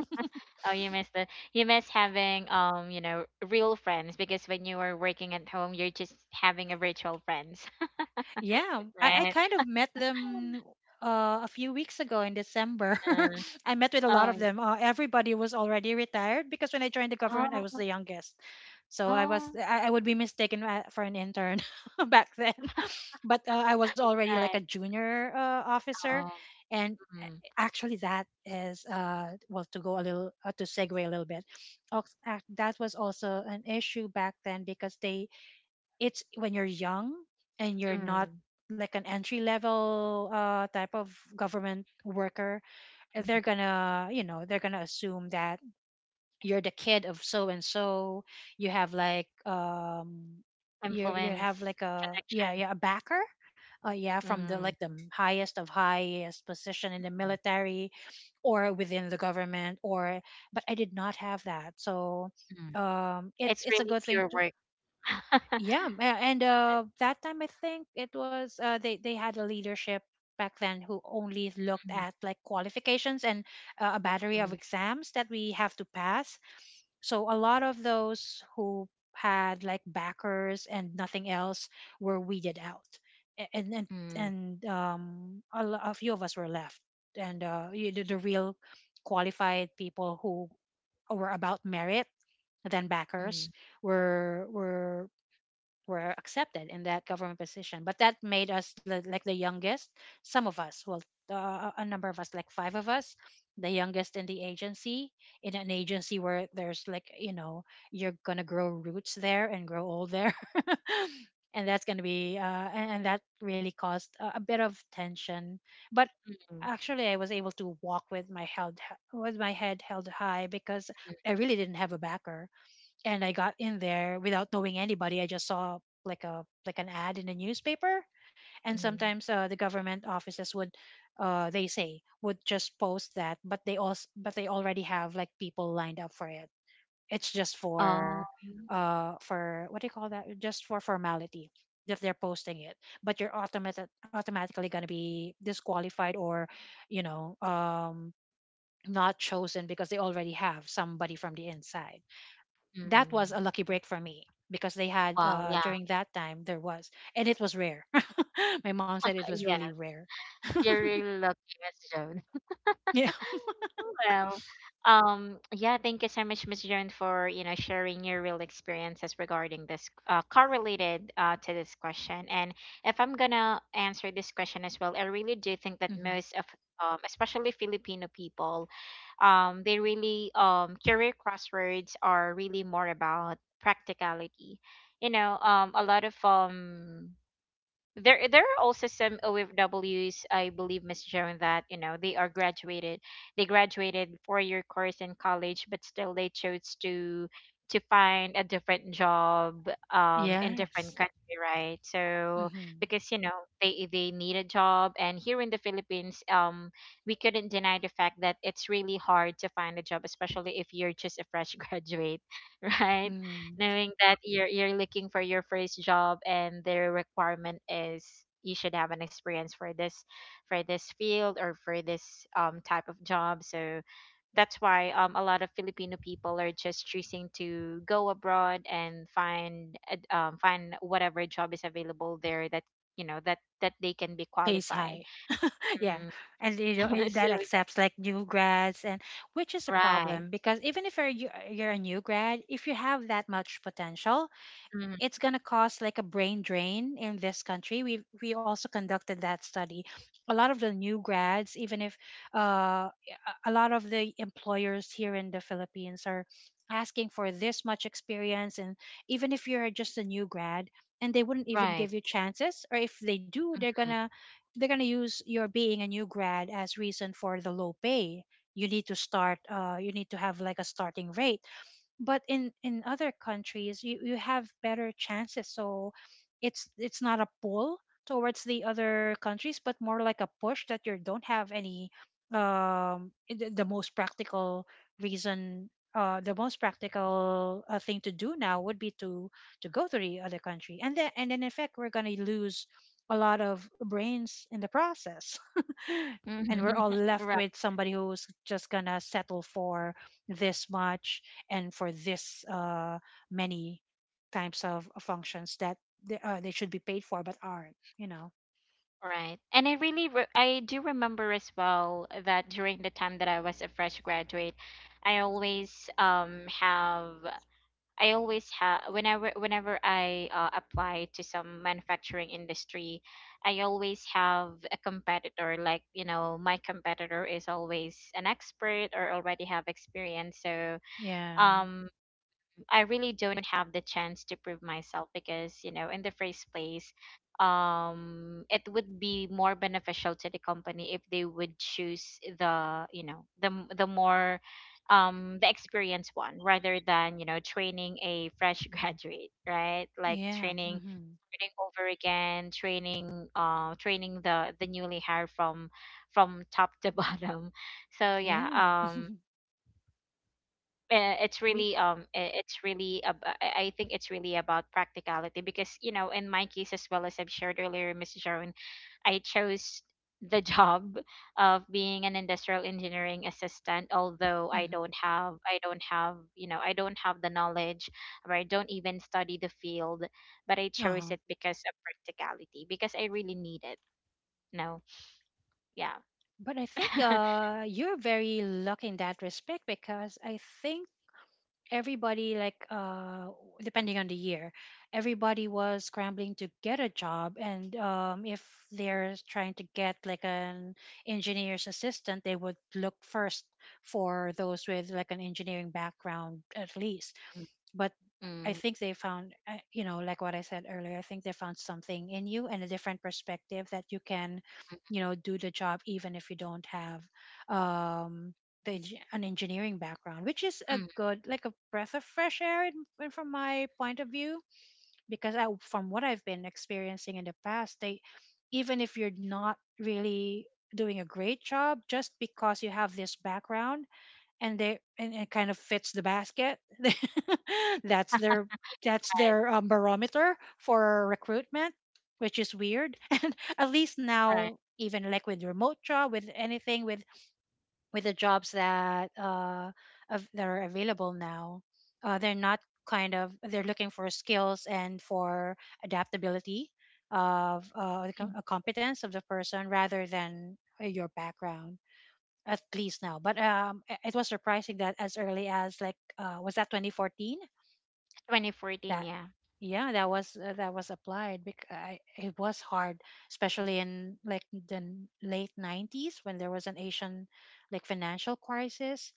A: Oh, you miss the, you miss having, you know, real friends, because when you are working at home, you're just having a virtual friends,
B: Yeah, I
A: right?
B: kind of met them, a few weeks ago in December.
A: Uh,
B: I met with a lot
A: oh,
B: of
A: yeah.
B: them. Everybody was already retired because when I joined the government, I was
A: Oh,
B: the youngest. So I was,
A: oh,
B: I would be mistaken for an intern back then. But I was already like a
A: right.
B: junior officer,
A: Oh,
B: and
A: mm,
B: actually that is well, to go a little, to segue a little bit, that was also an issue back then, because they, it's when you're young and you're not
A: mm,
B: like an entry level type of government worker,
A: mm.
B: they're gonna, you know, they're gonna assume that you're the kid of so and so, you have like you have
A: Influence,
B: like a, yeah,
A: connection.
B: yeah, a backer, yeah, from the like
A: Mm,
B: the highest of highest position in the
A: mm,
B: military or within the government or, but I did not have that. So
A: mm.
B: it's
A: It's
B: it's a
A: really
B: good thing
A: pure
B: to,
A: work.
B: yeah, and that time I think it was, they had a leadership back then who only looked
A: Mm,
B: at like qualifications and, a battery of
A: mm,
B: exams that we have to pass. So a lot of those who had like backers and nothing else were weeded out.
A: mm,
B: And a few of us were left, and the real qualified people who were about merit than backers
A: mm,
B: were were were accepted in that government position. But that made us like the youngest. Some of us, well, a number of us, like five of us, the youngest in the agency. In an agency where there's you're gonna grow roots there and grow old there. And that's going to be, and that really caused a bit of tension. But
A: mm,
B: actually, I was able to walk with my head held high because
A: mm,
B: I really didn't have a backer, and I got in there without knowing anybody. I just saw like a like an ad in the newspaper, and
A: mm.
B: sometimes the government offices would, they say would just post that, but they also but they already have like people lined up for it. It's just
A: Oh,
B: for what do you call that? Just for formality if they're posting it, but you're automatic automatically gonna be disqualified or, you know, um, not chosen because they already have somebody from the inside that was a
A: mm.
B: lucky break for me because they had
A: Wow, yeah,
B: during that time there was, and it was rare. My mom said it was
A: yeah.
B: really rare.
A: You're really lucky, Miss Jo.
B: Yeah.
A: Well, yeah, thank you so much, Miss Joan, for you know sharing your real experiences regarding this correlated to this question. And if I'm gonna answer this question as well, I really do think that
B: Hmm.
A: most of especially Filipino people, they really career crossroads are really more about practicality. You know, a lot of there there are also some OFWs, I believe, Miss Joan, that you know, they graduated 4 year course in college, but still they chose to find a different job in
B: Yes.
A: different country, right? So
B: Hmm.
A: because you know they need a job, and here in the Philippines, we couldn't deny the fact that it's really hard to find a job, especially if you're just a fresh graduate, right?
B: Mm.
A: Knowing that you're looking for your first job, and their requirement is you should have an experience for this, for this field or for this type of job. So that's why a lot of Filipino people are just choosing to go abroad and find find whatever job is available there, that you know that, that they can be
B: Pays high.
A: qualified.
B: Yeah,
A: Mm.
B: and you know
A: So
B: that
A: yeah,
B: accepts like new grads and which is a
A: right.
B: problem because even if you're a new grad, if you have that much potential
A: Mm,
B: it's going to cause like a brain drain in this country. We also conducted that study. A lot of the new grads, even if uh, a lot of the employers here in the Philippines are asking for this much experience, and even if you're just a new grad, and they wouldn't even
A: right.
B: give you chances, or if they do, they're
A: Mm.
B: gonna they're gonna use your being a new grad as reason for the low pay. You need to start. You need to have like a starting rate, but in other countries you have better chances, so it's not a pull towards the other countries but more like a push that you don't have any the most practical reason, the most practical thing to do now would be to go to the other country, and then and in effect we're going to lose a lot of brains in the process. And we're all
A: Mhm.
B: left with somebody who's just gonna settle for this much and for this many types of functions that they should be paid for but aren't, you know.
A: Right. And I really I do remember as well that during the time that I was a fresh graduate, I always um have I always have, whenever, whenever I apply to some manufacturing industry, I always have a competitor, like, you know, my competitor is always an expert or already have experience. So,
B: Yeah,
A: um I really don't have the chance to prove myself, because, you know, in the first place, it would be more beneficial to the company if they would choose the, you know, the more, the experienced one rather than, you know, training a fresh graduate, right? Like
B: yeah.
A: training,
B: Hmm.
A: training over again, training, training the newly hired from top to bottom. So yeah,
B: Yeah.
A: it's
B: We.
A: really it's really I think it's really about practicality, because you know in my case as well, as I've shared earlier, Miss Joan, I chose the job of being an industrial engineering assistant, although
B: Hmm.
A: I don't have, you know, I don't have the knowledge, or I don't even study the field, but I chose
B: Uh-huh.
A: it because of practicality, because I really need it. No. Yeah.
B: But I think you're very lucky in that respect, because I think everybody depending on the year, everybody was scrambling to get a job, and if they're trying to get like an engineer's assistant, they would look first for those with like an engineering background at least. But
A: Mm,
B: I
A: mm,
B: think they found, you know, like what I said earlier, I think they found something in you and a different perspective that you can,
A: mm,
B: you know, do the job even if you don't have um, the an engineering background, which is a
A: mm.
B: good, like a breath of fresh air in, from my point of view, because I, from what I've been experiencing in the past, they, even if you're not really doing a great job, just because you have this background and it kind of fits the basket that's their that's
A: Right,
B: their barometer for recruitment, which is weird. And at least
A: right.
B: now, even like with remote job, with anything, with the jobs that that are available now, they're not, kind of they're looking for skills and for adaptability of
A: Mm,
B: competence of the person rather than your background, at least now. But it was surprising that as early as like was that 2014
A: 2014.
B: that,
A: Yeah.
B: yeah, that was applied because I, it was hard, especially in like the late 90s when there was an Asian like financial crisis.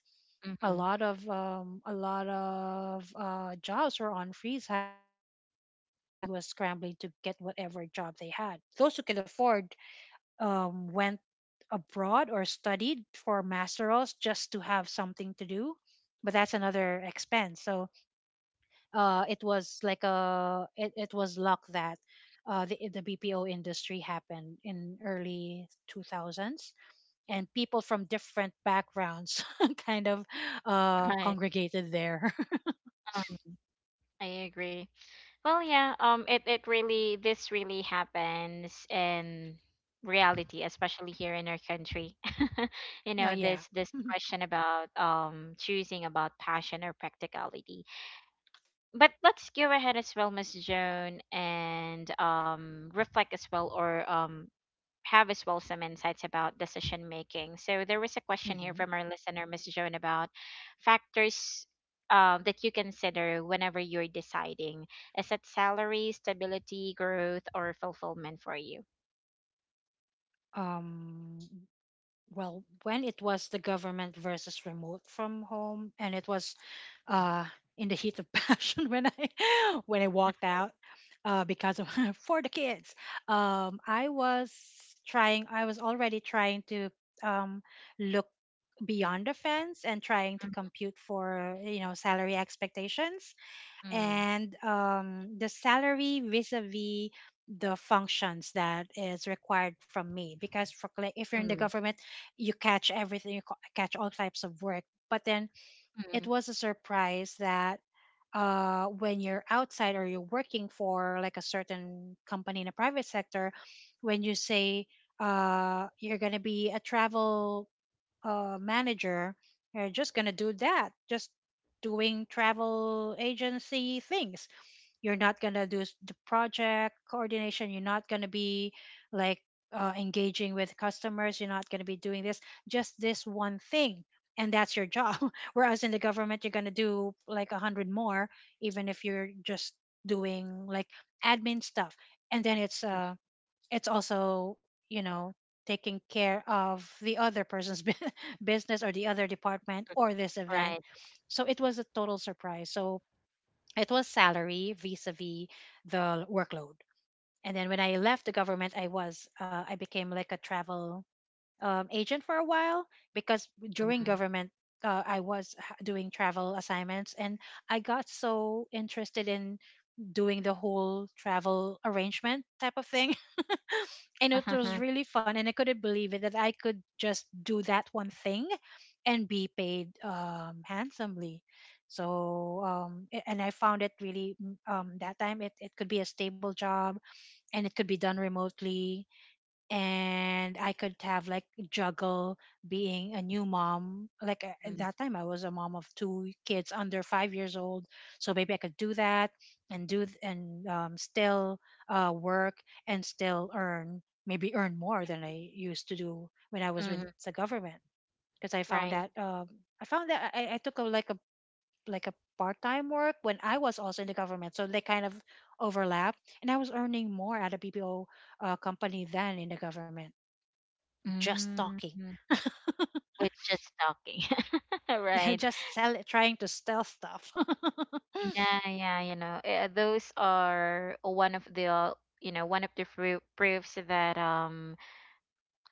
A: Hmm.
B: A lot of jobs were on freeze hiring, and everybody was scrambling to get whatever job they had. Those who could afford went abroad or studied for masterals just to have something to do, but that's another expense. So it was like a it, it was luck that the bpo industry happened in early 2000s, and people from different backgrounds kind of
A: Right.
B: congregated there.
A: Um, I agree. Well, yeah, it, it really, this really happens in reality, especially here in our country. You
B: Yeah,
A: know,
B: yeah.
A: this question about choosing about passion or practicality. But let's go ahead as well, Miss Joan, and reflect as well, or have as well some insights about decision making. So there was a question here
B: Hmm.
A: from our listener, Miss Joan, about factors that you consider whenever you're deciding. Is it salary, stability, growth, or fulfillment for you?
B: um, well, when it was the government versus remote from home, and it was uh in the heat of passion when I when I walked out because of for the kids, I was trying I was already trying to um look beyond the fence and trying to compute for, you know, salary expectations
A: Mm,
B: and the salary vis-a-vis the functions that is required from me, because if you're in the
A: mm,
B: government you catch everything, catch all types of work. But then it
A: mm,
B: was a surprise that when you're outside or you're working for like a certain company in a private sector, when you say you're going to be a travel manager, you're just going to do that, just doing travel agency things. You're not gonna do the project coordination. You're not gonna be like engaging with customers. You're not gonna be doing this. Just this one thing, and that's your job. Whereas in the government, you're gonna do like a hundred more, even if you're just doing like admin stuff. And then
A: mm,
B: it's also, you know, taking care of the other person's business or the other department or this event.
A: right.
B: So it was a total surprise. So it was salary vis-a-vis the workload. And then when I left the government, I was I became like a travel agent for a while, because during
A: Mm,
B: government I was doing travel assignments, and I got so interested in doing the whole travel arrangement type of thing, and it was really fun, and I couldn't believe it that I could just do that one thing and be paid handsomely. So and I found it really that time it could be a stable job, and it could be done remotely, and I could have like juggle being a new mom. Like at
A: mm,
B: that time, I was a mom of two kids under 5 years old, so maybe I could do that and do th- and still work and still earn, maybe earn more than I used to do when I was with
A: mm,
B: the government, because I found
A: right.
B: that I found that I took a like a like a part time work when I was also in the government, so they kind of overlap, and I was earning more at a BPO company than in the government, just
A: Mm,
B: talking.
A: mm. With just talking.
B: Yeah,
A: Right.
B: just sell trying to sell stuff.
A: Yeah, yeah, you know, eh, those are one of the, you know, one of the proofs that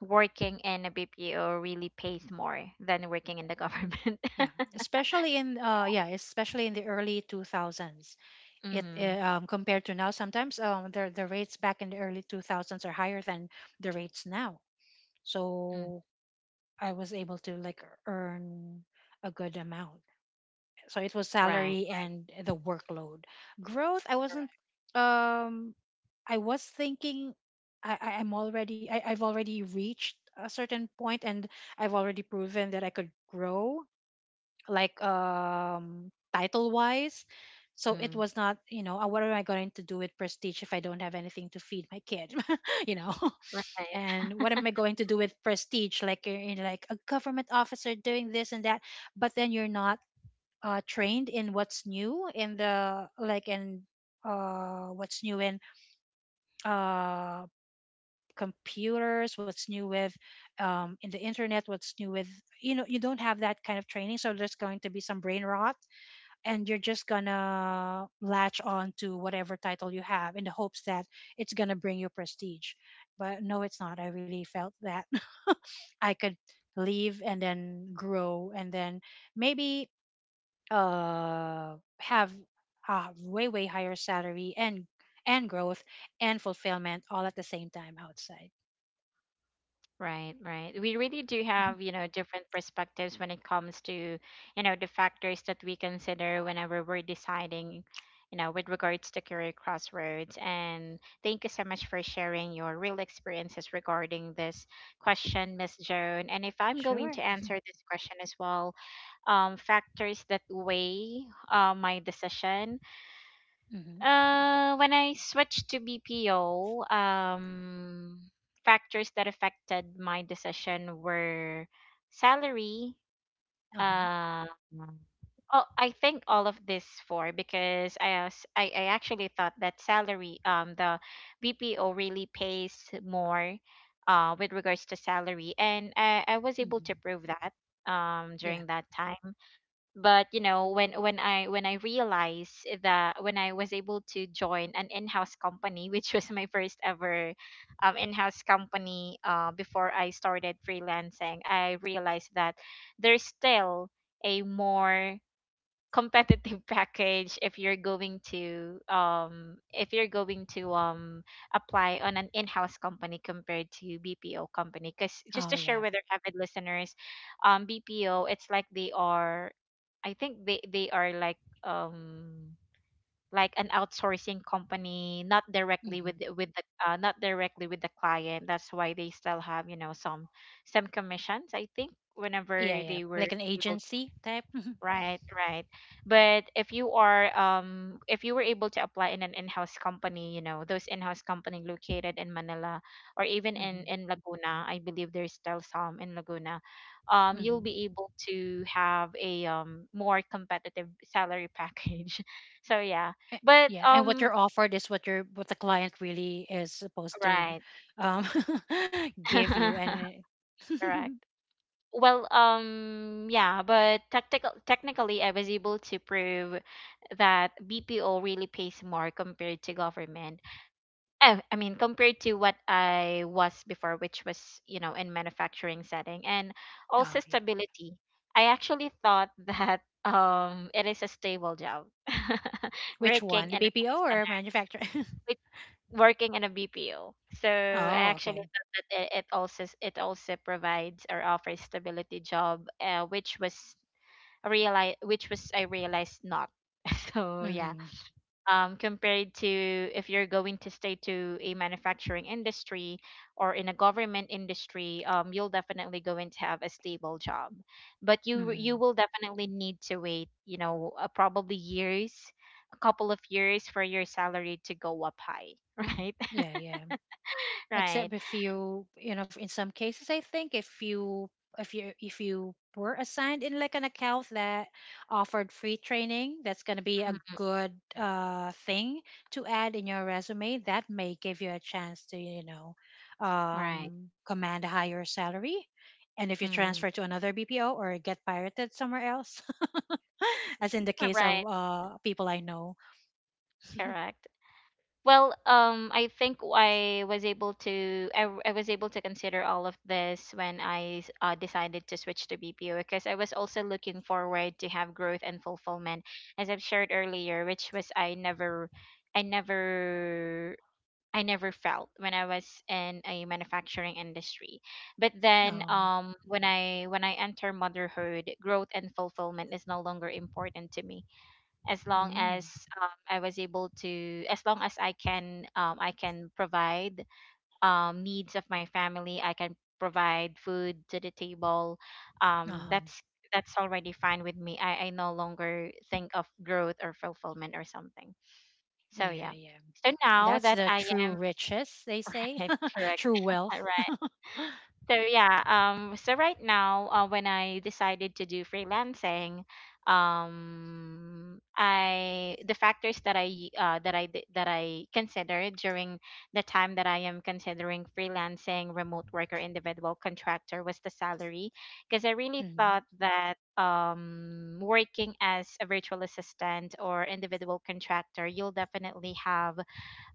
A: working in a BPO really pays more than working in the government.
B: Yeah, especially in yeah, especially in the early 2000s. It
A: Mm-hmm.
B: Compared to now, sometimes the rates back in the early 2000s are higher than the rates now.
A: Mm,
B: So I was able to like earn a good amount. So it was
A: right.
B: salary and the workload. Growth, I wasn't
A: Correct.
B: um I was thinking I've already reached a certain point, and I've already proven that I could grow, like title wise. So it
A: Mm,
B: was not, you know, what am I going to do with prestige if I don't have anything to feed my kid? You know.
A: right.
B: And what am I going to do with prestige, like you're in like a government officer doing this and that, but then you're not trained in what's new in the like in what's new in uh, computers, what's new with in the internet, what's new with, you know, you don't have that kind of training, so there's going to be some brain rot, and you're just gonna latch on to whatever title you have in the hopes that it's gonna bring you prestige. But no, it's not. I really felt that I could leave and then grow and then maybe have a way higher salary and growth and fulfillment all at the same time outside.
A: Right, right. We really do
B: Mhm.
A: have, you know, different perspectives when it comes to, you know, the factors that we consider whenever we're deciding, you know, with regards to career crossroads. And thank you so much for sharing your real experiences regarding this question, Miss Joan. And if I'm going
B: Sure.
A: to answer this question as well, factors that weigh my decision
B: Hmm.
A: when I switched to BPO, factors that affected my decision were salary.
B: Uh-huh.
A: Uh, oh, I think all of this four because I, was, I actually thought that salary the BPO really pays more, with regards to salary, and I was able to
B: Hmm.
A: prove that
B: Yeah.
A: during that time. But you know when I realized that when I was able to join an in-house company which was my first ever in-house company before I started freelancing I realized that there's still a more competitive package if you're going to if you're going to apply on an in-house company compared to BPO company. Because just
B: Oh
A: to
B: yeah.
A: share with our avid listeners, BPO it's like they are, I think they are like an outsourcing company, not directly with
B: Hmm.
A: with the not directly with the client, that's why they still have, you know, some commissions I think,
B: Yeah,
A: whenever
B: yeah,
A: they were
B: like an
A: able.
B: agency type. Hmm.
A: Right, right. But if you are if you were able to apply in an in-house company, you know, those in-house company located in Manila or even
B: Hmm.
A: in Laguna, I believe there's still some in Laguna. You'll
B: Hmm.
A: be able to have a more competitive salary package. So yeah. But
B: Yeah, and what
A: um,
B: you're offered is what you're what the client really is supposed to
A: right.
B: um give you and uh,
A: Correct. Well, yeah, but tactical technically, I was able to prove that BPO really pays more compared to government. I mean, compared to what I was before, which was, you know, in manufacturing setting, and
B: oh
A: also
B: yeah.
A: stability. I actually thought that it is a stable job,
B: Which
A: working
B: one, the
A: in a call
B: bpo or
A: center,
B: manufacturer?
A: working in a BPO. So I
B: Oh
A: actually
B: okay.
A: thought that it also it also provides or offers stability job, which was realize, which was I realized not. So yeah,
B: Hmm.
A: compared to if you're going to stay to a manufacturing industry or in a government industry, you'll definitely going to have a stable job, but you
B: Hmm.
A: will definitely need to wait, you know, probably years, a couple of years for your salary to go up high, right?
B: Yeah, yeah.
A: Right.
B: Except if you, you know, in some cases, I think if you were assigned in like an account that offered free training, that's gonna be a
A: Mm,
B: good thing to add in your resume. That may give you a chance to, you know,
A: right.
B: command a higher salary. And if you
A: Mm,
B: transfer to another BPO or get pirated somewhere else, as in the case of
A: right.
B: people I know.
A: Correct. Well, I think I was able to I was able to consider all of this when I decided to switch to BPO because I was also looking forward to have growth and fulfillment, as I've shared earlier, which was I never I never felt when I was in a manufacturing industry. But then
B: Oh,
A: when I enter motherhood, growth and fulfillment is no longer important to me, as long
B: mm,
A: as I was able to, as long as I can provide needs of my family. I can provide food to the table.
B: uh
A: Um,
B: huh.
A: that's that's already fine with me. I no longer think of growth or fulfillment or something. So
B: Yeah,
A: yeah.
B: yeah.
A: So now
B: That's
A: that
B: the
A: I
B: true riches, they say,
A: am correct,
B: true
A: right?
B: wealth.
A: So yeah, so right now, when I decided to do freelancing, I the factors that I considered during the time that I am considering freelancing, remote work, or individual contractor was the salary, because I really
B: Hmm.
A: thought that working as a virtual assistant or individual contractor, you'll definitely have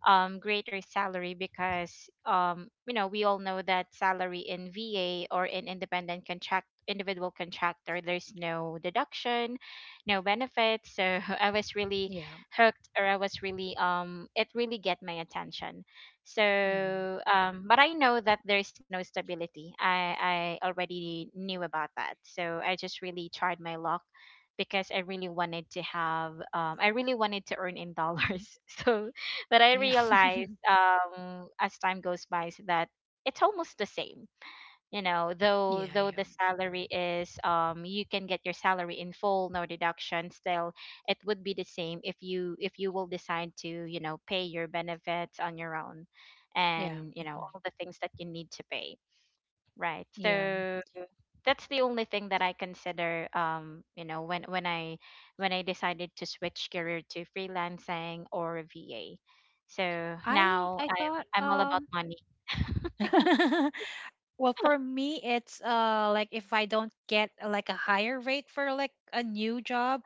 A: greater salary, because you know we all know that salary in VA or in independent contract individual contractor there's no deduction, no benefits, so I was really
B: Yeah.
A: hooked, or I was really it really get my attention.
B: Hmm.
A: So um, but I know that there's no stability, i already knew about that, so I just really tried my luck because I really wanted to have I really wanted to earn in dollars. So, but I
B: Yeah.
A: realized as time goes by is that it's almost the same. You know,
B: Yeah.
A: though
B: Yeah.
A: the salary is you can get your salary in full, no deduction. Still, it would be the same if you will decide to, you know, pay your benefits on your own,
B: Yeah.
A: and you know
B: Hmm.
A: all the things that you need to pay. Right.
B: Yeah.
A: So that's the only thing that I consider, you know, when when I decided to switch career to freelancing or VA. So now
B: I
A: I'm
B: thought
A: I'm all about money.
B: Well, for me it's like if I don't get like a higher rate for like a new job,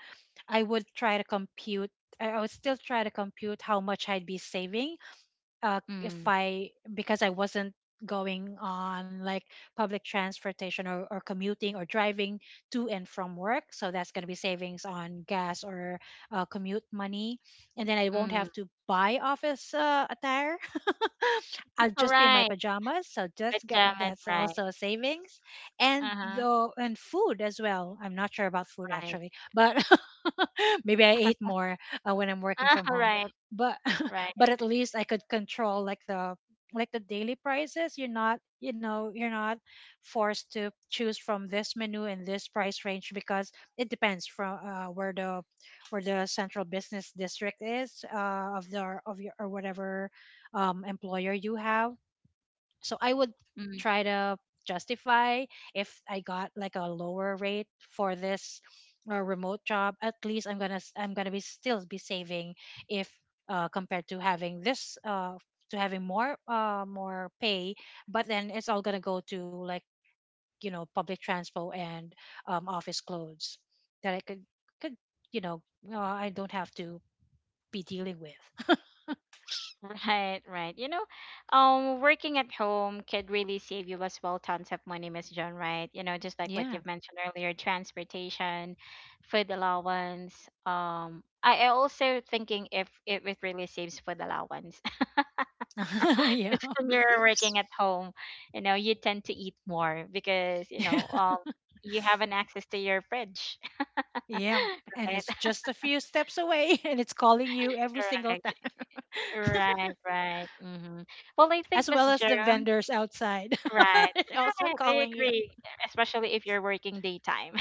B: I would try to compute I would still try to compute how much I'd be saving if
A: Mm,
B: I, because I wasn't going on like public transportation or commuting or driving to and from work, so that's going to be savings on gas or commute money, and then I won't
A: mm.
B: have to buy office attire. I'll
A: All
B: just be in my
A: right.
B: pajamas. So just get
A: Pajamas,
B: that's also
A: right.
B: a savings, and
A: Uh-huh.
B: though and food as well. I'm not sure about food
A: Right.
B: actually, but maybe I ate more when I'm working from
A: Uh-huh.
B: home.
A: Right.
B: But
A: Right.
B: but at least I could control like the daily prices. You're not, you're not forced to choose from this menu and this price range, because it depends from where the central business district is, of the of your or whatever employer you have. So I would try to justify if I got like a lower rate for this remote job. At least I'm gonna I'm gonna be still be saving if compared to having this to having more more pay. But then it's all gonna go to like, you know, public transport and office clothes that I could, you know, I don't have to be dealing with.
A: Right, right. You know, working at home could really save you as well tons of money, Miss John, right? You know, just like what
B: Yeah.
A: you've mentioned earlier, transportation, food allowance. I also thinking if it really saves food allowance.
B: Yeah.
A: Because when you're working at home, you know, you tend to eat more because, you know, you haven't access to your fridge.
B: Yeah, and
A: Right,
B: it's just a few steps away and it's calling you every single
A: correct.
B: time.
A: Right, right. Mm-hmm. Well, I think,
B: As
A: Miss
B: well as the
A: Joan.
B: vendors outside.
A: Right.
B: It's also
A: Right. I
B: calling you.
A: agree. Especially if you're working daytime.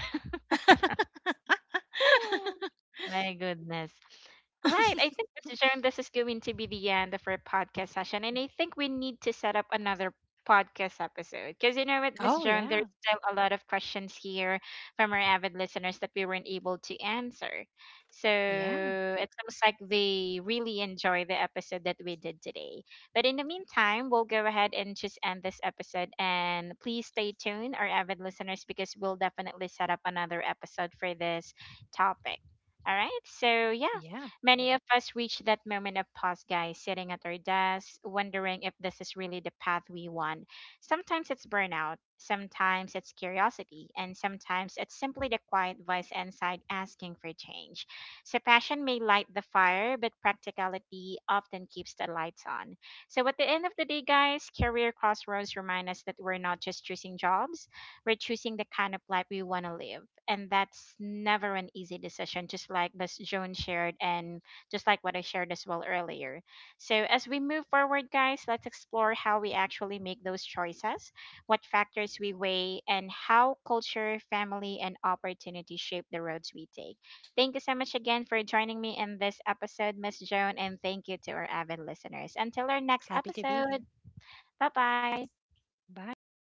A: My goodness. Right. I think, Mr. Sharon, this is going to be the end of our podcast session. And I think we need to set up another podcast episode. Because you know what, Mr.
B: Oh,
A: Sharon, there's
B: yeah.
A: still a lot of questions here from our avid listeners that we weren't able to answer. So
B: Yeah.
A: it seems like they really enjoy the episode that we did today. But in the meantime, we'll go ahead and just end this episode. And please stay tuned, our avid listeners, because we'll definitely set up another episode for this topic. All right. So, yeah,
B: Yeah.
A: many of us reach that moment of pause, guys, sitting at our desks, wondering if this is really the path we want. Sometimes it's burnout, sometimes it's curiosity, and sometimes it's simply the quiet voice inside asking for change. So, passion may light the fire, but practicality often keeps the lights on. So, at the end of the day, guys, career crossroads remind us that we're not just choosing jobs, we're choosing the kind of life we want to live. And that's never an easy decision, just like Miss Joan shared, and just like what I shared as well earlier. So as we move forward, guys, let's explore how we actually make those choices, what factors we weigh, and how culture, family, and opportunity shape the roads we take. Thank you so much again for joining me in this episode, Miss Joan, and thank you to our avid listeners. Until our next
B: Happy to be here.
A: episode, bye bye.
B: Bye, everybody.